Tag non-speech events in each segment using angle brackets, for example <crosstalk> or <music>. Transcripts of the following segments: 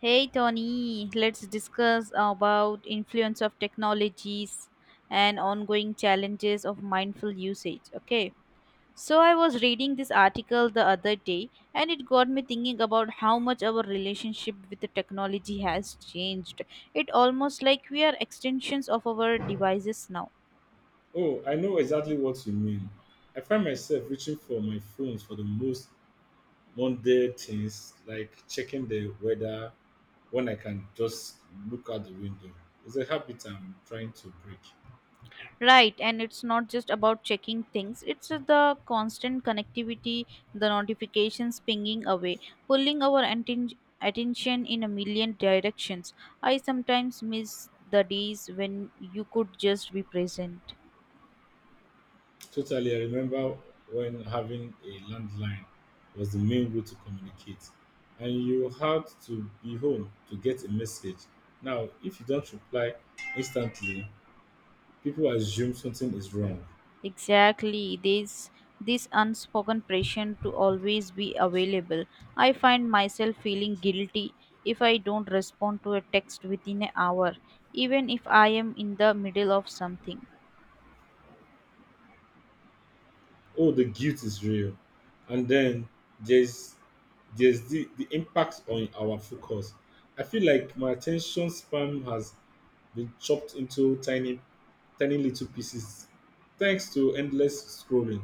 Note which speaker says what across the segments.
Speaker 1: Hey Tony, let's discuss about influence of technologies and ongoing challenges of mindful usage. Okay. So I was reading this article the other day and it got me thinking about how much our relationship with the technology has changed. It almost like we are extensions of our devices now.
Speaker 2: Oh, I know exactly what you mean. I find myself reaching for my phones for the most mundane things like checking the weather when I can just look out the window. It's a habit I'm trying to break.
Speaker 1: Right, and it's not just about checking things, it's the constant connectivity, the notifications pinging away, pulling our atten- attention in a million directions. I sometimes miss the days when you could just be present.
Speaker 2: Totally, I remember when having a landline was the main way to communicate, and you had to be home to get a message. Now, if you don't reply instantly, people assume something is wrong.
Speaker 1: Exactly, this unspoken pressure to always be available. I find myself feeling guilty if I don't respond to a text within an hour, even if I am in the middle of something.
Speaker 2: Oh, the guilt is real, and then there's there's the impact on our focus. I feel like my attention span has been chopped into tiny little pieces thanks to endless scrolling.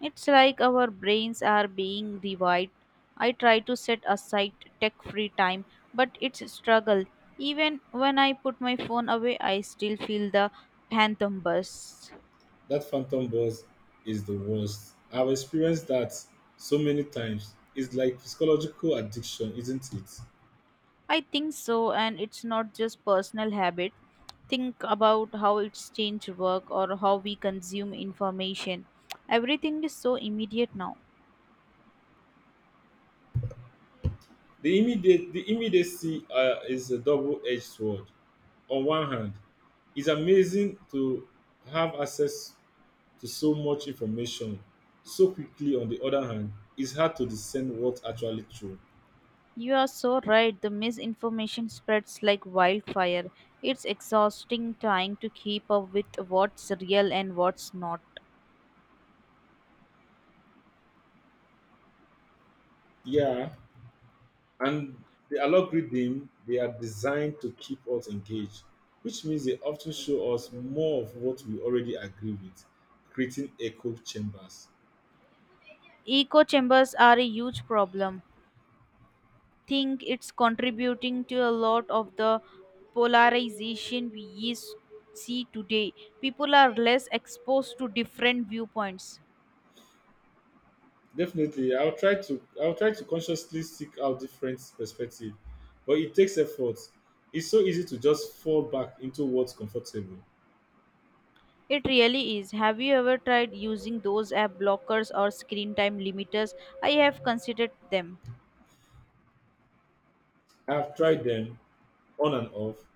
Speaker 1: It's like our brains are being rewired. I try to set aside tech free time, but it's a struggle. Even when I put my phone away, I still feel the phantom buzz.
Speaker 2: That phantom buzz is the worst. I've experienced that so many times. It's like psychological addiction, isn't it?
Speaker 1: I think so, and it's not just personal habit. Think about how it's changed work or how we consume information. Everything is so immediate now.
Speaker 2: The immediacy is a double-edged sword. On one hand, it's amazing to have access to so much information so quickly. On the other hand, it's hard to discern what's actually true.
Speaker 1: You are so right. The misinformation spreads like wildfire. It's exhausting trying to keep up with what's real and what's not.
Speaker 2: Yeah, and the algorithm they are designed to keep us engaged, which means they often show us more of what we already agree with, creating echo chambers.
Speaker 1: Echo chambers are a huge problem. Think it's contributing to a lot of the polarization we is- see today. People are less exposed to different viewpoints.
Speaker 2: Definitely, I'll try to consciously seek out different perspective, but it takes effort. It's so easy to just fall back into what's comfortable.
Speaker 1: It really is. Have you ever tried using those app blockers or screen time limiters? I have considered them.
Speaker 2: I've tried them on and off.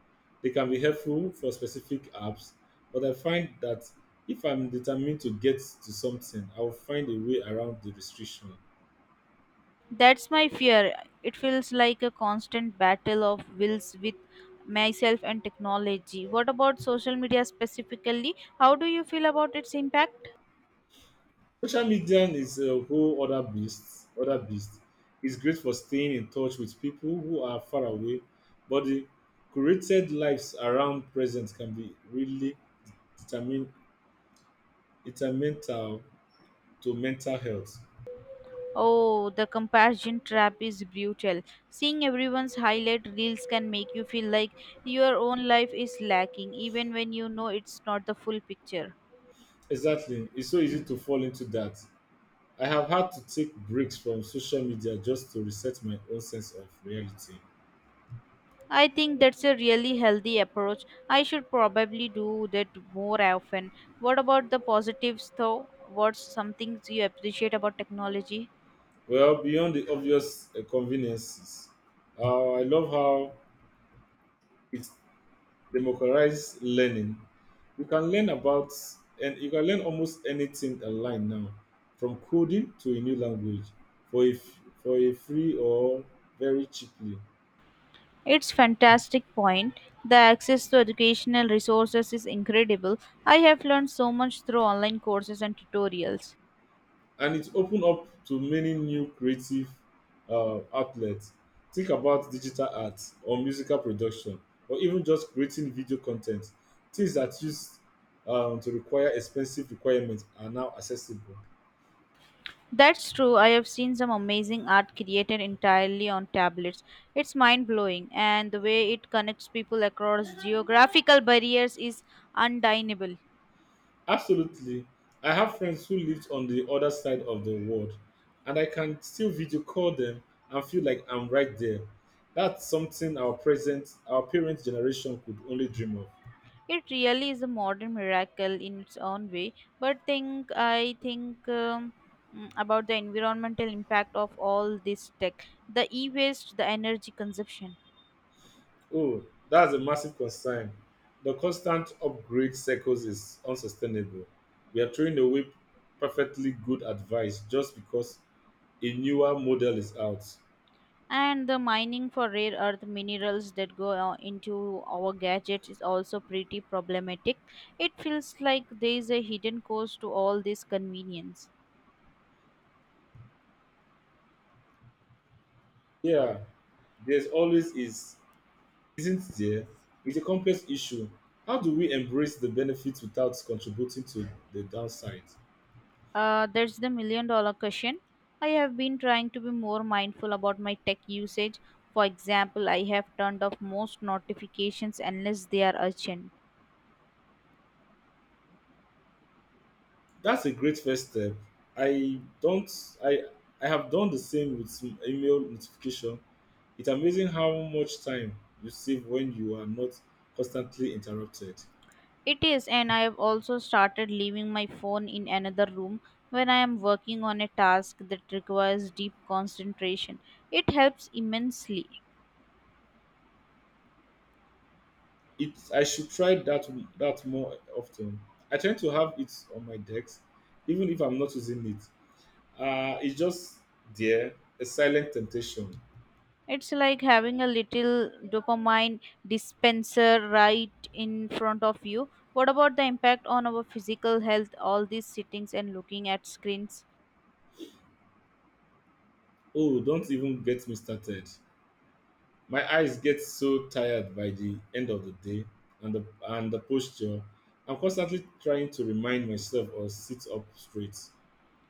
Speaker 2: They can be helpful for specific apps, but I find that if I'm determined to get to something, I'll find a way around the restriction.
Speaker 1: That's my fear. It feels like a constant battle of wills with myself and technology. What about social media specifically? How do you feel about its impact?
Speaker 2: Social media is a whole other beast. Other beast. It's great for staying in touch with people who are far away, but the curated lives around present can be really determin- detrimental to mental health.
Speaker 1: Oh, the comparison trap is brutal. Seeing everyone's highlight reels can make you feel like your own life is lacking, even when you know it's not the full picture.
Speaker 2: Exactly. It's so easy to fall into that. I have had to take breaks from social media just to reset my own sense of reality.
Speaker 1: I think that's a really healthy approach. I should probably do that more often. What about the positives though? What's something you appreciate about technology?
Speaker 2: Well, beyond the obvious conveniences, I love how it democratize learning. You can learn about you can learn almost anything online now, from coding to a new language for a free or very cheaply.
Speaker 1: It's fantastic point. The access to educational resources is incredible. I have learned so much through online courses and tutorials.
Speaker 2: And it's open up to many new creative outlets. Think about digital art or musical production or even just creating video content. Things that used to require expensive requirements are now accessible.
Speaker 1: That's true. I have seen some amazing art created entirely on tablets. It's mind-blowing, and the way it connects people across geographical barriers is undeniable.
Speaker 2: Absolutely. I have friends who lived on the other side of the world, and I can still video call them and feel like I'm right there. That's something our parents' generation could only dream of.
Speaker 1: It really is a modern miracle in its own way, but think I think mm, about the environmental impact of all this tech, the e-waste, the energy consumption,
Speaker 2: Oh, that's a massive concern. The constant upgrade cycles is unsustainable. We are throwing away perfectly good advice just because a newer model is out.
Speaker 1: and the mining for rare earth minerals that go into our gadgets is also pretty problematic. It feels like there is a hidden cost to all this convenience.
Speaker 2: Yeah, there's always is isn't there? It's a complex issue. How do we embrace the benefits without contributing to the downside?
Speaker 1: That's the million dollar question. I have been trying to be more mindful about my tech usage. For example, I have turned off most notifications unless they are urgent.
Speaker 2: That's a great first step. I don't I I have done the same with some email notification. It's amazing how much time you save when you are not constantly interrupted.
Speaker 1: It is, and I have also started leaving my phone in another room when I am working on a task that requires deep concentration. It helps immensely.
Speaker 2: It, I should try that more often. I tend to have it on my desk even if I'm not using it. It's just there, a silent temptation.
Speaker 1: It's like having a little dopamine dispenser right in front of you. What about the impact on our physical health, all these sittings and looking at screens?
Speaker 2: Oh, don't even get me started. My eyes get so tired by the end of the day, and the posture. I'm constantly trying to remind myself or sit up straight.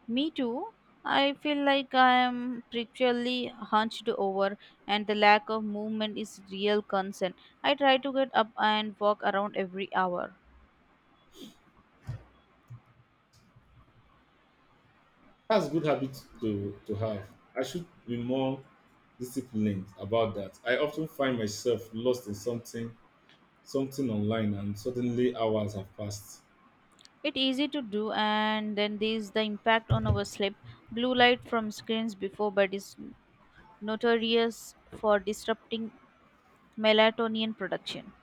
Speaker 1: Me too. I feel like I am perpetually hunched over, and the lack of movement is real concern. I try to get up and walk around every hour.
Speaker 2: That's a good habit to have. I should be more disciplined about that. I often find myself lost in something online, and suddenly hours have passed.
Speaker 1: It's easy to do, and then there's the impact on our sleep. Blue light from screens before bed is notorious for disrupting melatonin production.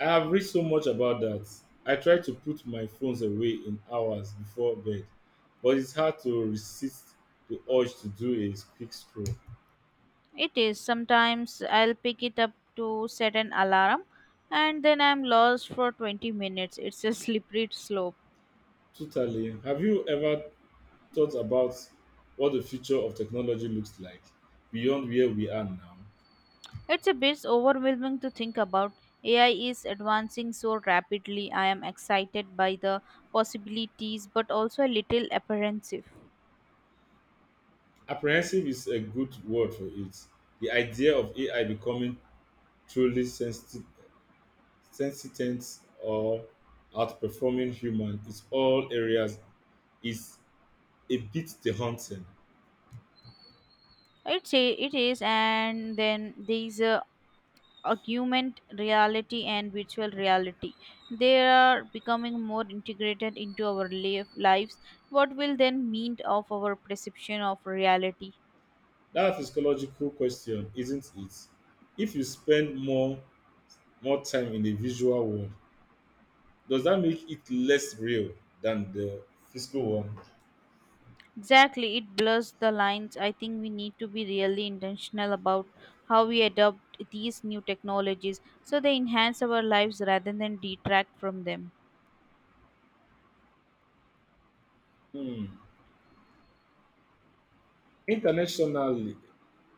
Speaker 2: I have read so much about that. I try to put my phones away in hours before bed, but it's hard to resist the urge to do a quick scroll.
Speaker 1: It is, sometimes I'll pick it up to set an alarm and then I'm lost for 20 minutes. It's a <laughs> slippery slope.
Speaker 2: Totally. Have you ever thought about what the future of technology looks like beyond where we are now?
Speaker 1: It's a bit overwhelming to think about. AI is advancing so rapidly. I am excited by the possibilities but also a little apprehensive.
Speaker 2: Apprehensive is a good word for it. The idea of AI becoming truly sentient or outperforming human is all areas is a bit daunting.
Speaker 1: I'd say it is, and then these augmented reality and virtual reality. They are becoming more integrated into our li- lives. What will then mean of our perception of reality?
Speaker 2: That's a psychological question, isn't it? If you spend more time in the visual world, does that make it less real than the physical one?
Speaker 1: Exactly, it blurs the lines. I think we need to be really intentional about how we adopt these new technologies so they enhance our lives rather than detract from them.
Speaker 2: Hmm. Internationally,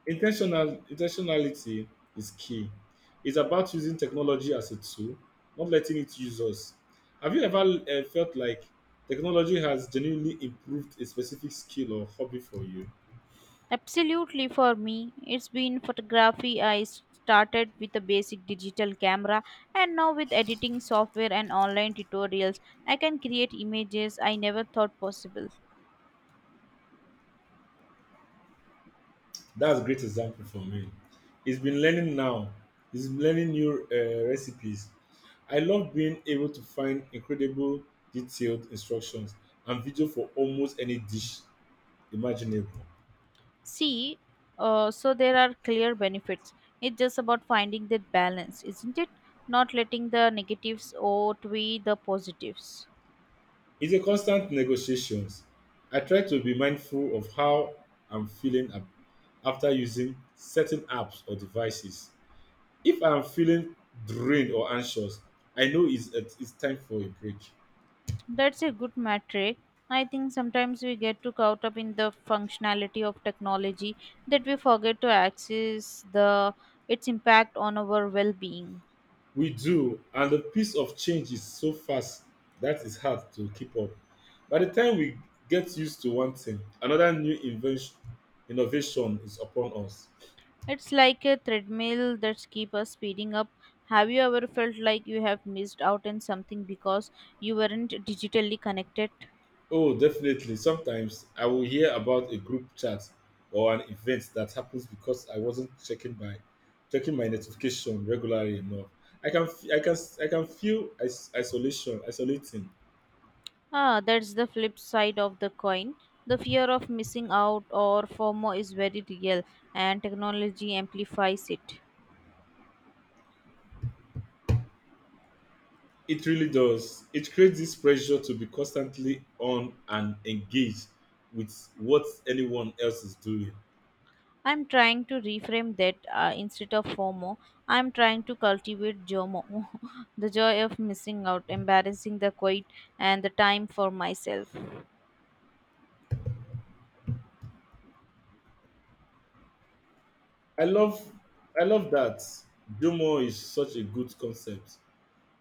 Speaker 2: intentional Intentionality is key. It's about using technology as a tool, not letting it use us. Have you ever felt like technology has genuinely improved a specific skill or hobby for you?
Speaker 1: Absolutely, for me, it's been photography. I started with a basic digital camera, and now with editing software and online tutorials, I can create images I never thought possible.
Speaker 2: That's a great example for me. It's been learning now. It's been learning new recipes. I love being able to find incredible detailed instructions and video for almost any dish imaginable.
Speaker 1: See, so there are clear benefits. It's just about finding that balance, isn't it? Not letting the negatives outweigh the positives.
Speaker 2: It's a constant negotiations. I try to be mindful of how I'm feeling after using certain apps or devices. If I'm feeling drained or anxious, I know it's time for a break.
Speaker 1: That's a good metric. I think sometimes we get too caught up in the functionality of technology that we forget to access the its impact on our well-being.
Speaker 2: We do, and the pace of change is so fast that it's hard to keep up. By the time we get used to one thing, another new invention innovation is upon us.
Speaker 1: It's like a treadmill that's keep us speeding up. Have you ever felt like you have missed out on something because you weren't digitally connected?
Speaker 2: Oh, definitely. Sometimes I will hear about a group chat or an event that happens because I wasn't checking my notification regularly enough. I can f- I can feel is- isolation isolating.
Speaker 1: Ah, that's the flip side of the coin. The fear of missing out or FOMO is very real, and technology amplifies it.
Speaker 2: It really does. It creates this pressure to be constantly on and engaged with what anyone else is doing.
Speaker 1: I'm trying to reframe that, instead of FOMO. I'm trying to cultivate JOMO, <laughs> the joy of missing out, embarrassing the quiet, and the time for myself.
Speaker 2: I love I love that. Do more is such a good concept.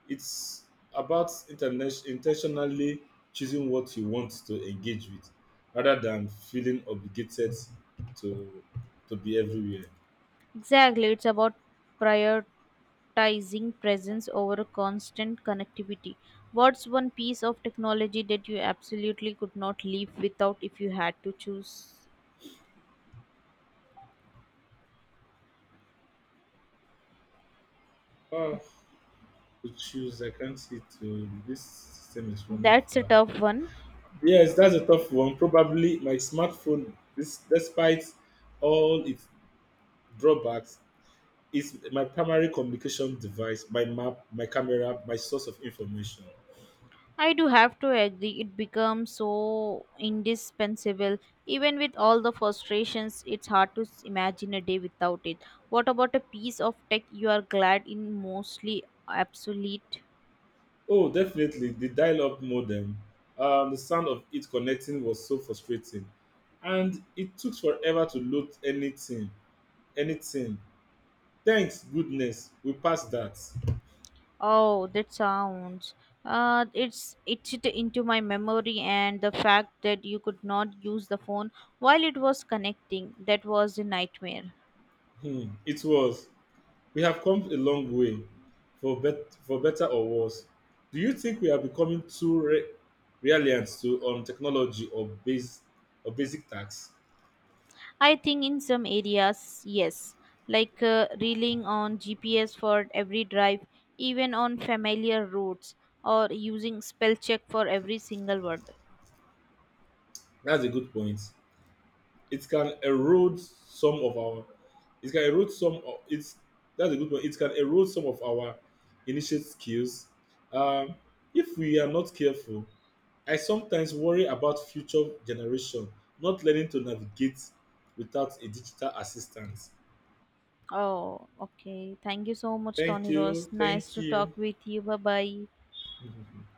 Speaker 2: It's about intentionally choosing what you want to engage with rather than feeling obligated to to be everywhere.
Speaker 1: Exactly, it's about prioritizing presence over constant connectivity. What's one piece of technology that you absolutely could not live without if you had to choose?
Speaker 2: Oh, to choose, I can't see to this system is running
Speaker 1: That's a
Speaker 2: far.
Speaker 1: tough one.
Speaker 2: Yes, that's a tough one. Probably my smartphone, this, despite all its drawbacks, is my primary communication device, my map, my camera, my source of information.
Speaker 1: I do have to agree, it becomes so indispensable. Even with all the frustrations, it's hard to s- imagine a day without it. What about a piece of tech you are glad in mostly obsolete?
Speaker 2: Oh, definitely. The dial up modem, the sound of it connecting was so frustrating. And it took forever to load anything. Anything. Thanks, goodness, we passed that.
Speaker 1: Oh, that sounds. It's it into my memory, and the fact that you could not use the phone while it was connecting, that was a nightmare.
Speaker 2: Hmm, it was. We have come a long way, for better or worse. Do you think we are becoming too reliant to on technology or base or basic tasks?
Speaker 1: I think in some areas, yes, like relying on GPS for every drive, even on familiar routes, or using spell check for every single word.
Speaker 2: That's a good point. It can erode some of our. It can erode some. Of, it's that's a good point. It can erode some of our initiate skills. Um, if we are not careful, I sometimes worry about future generation not learning to navigate without a digital assistant.
Speaker 1: Oh, okay. Thank you so much,
Speaker 2: Thank
Speaker 1: Tony Ross.
Speaker 2: you.
Speaker 1: Nice
Speaker 2: Thank
Speaker 1: to
Speaker 2: you.
Speaker 1: talk with you. Bye bye.
Speaker 2: <laughs>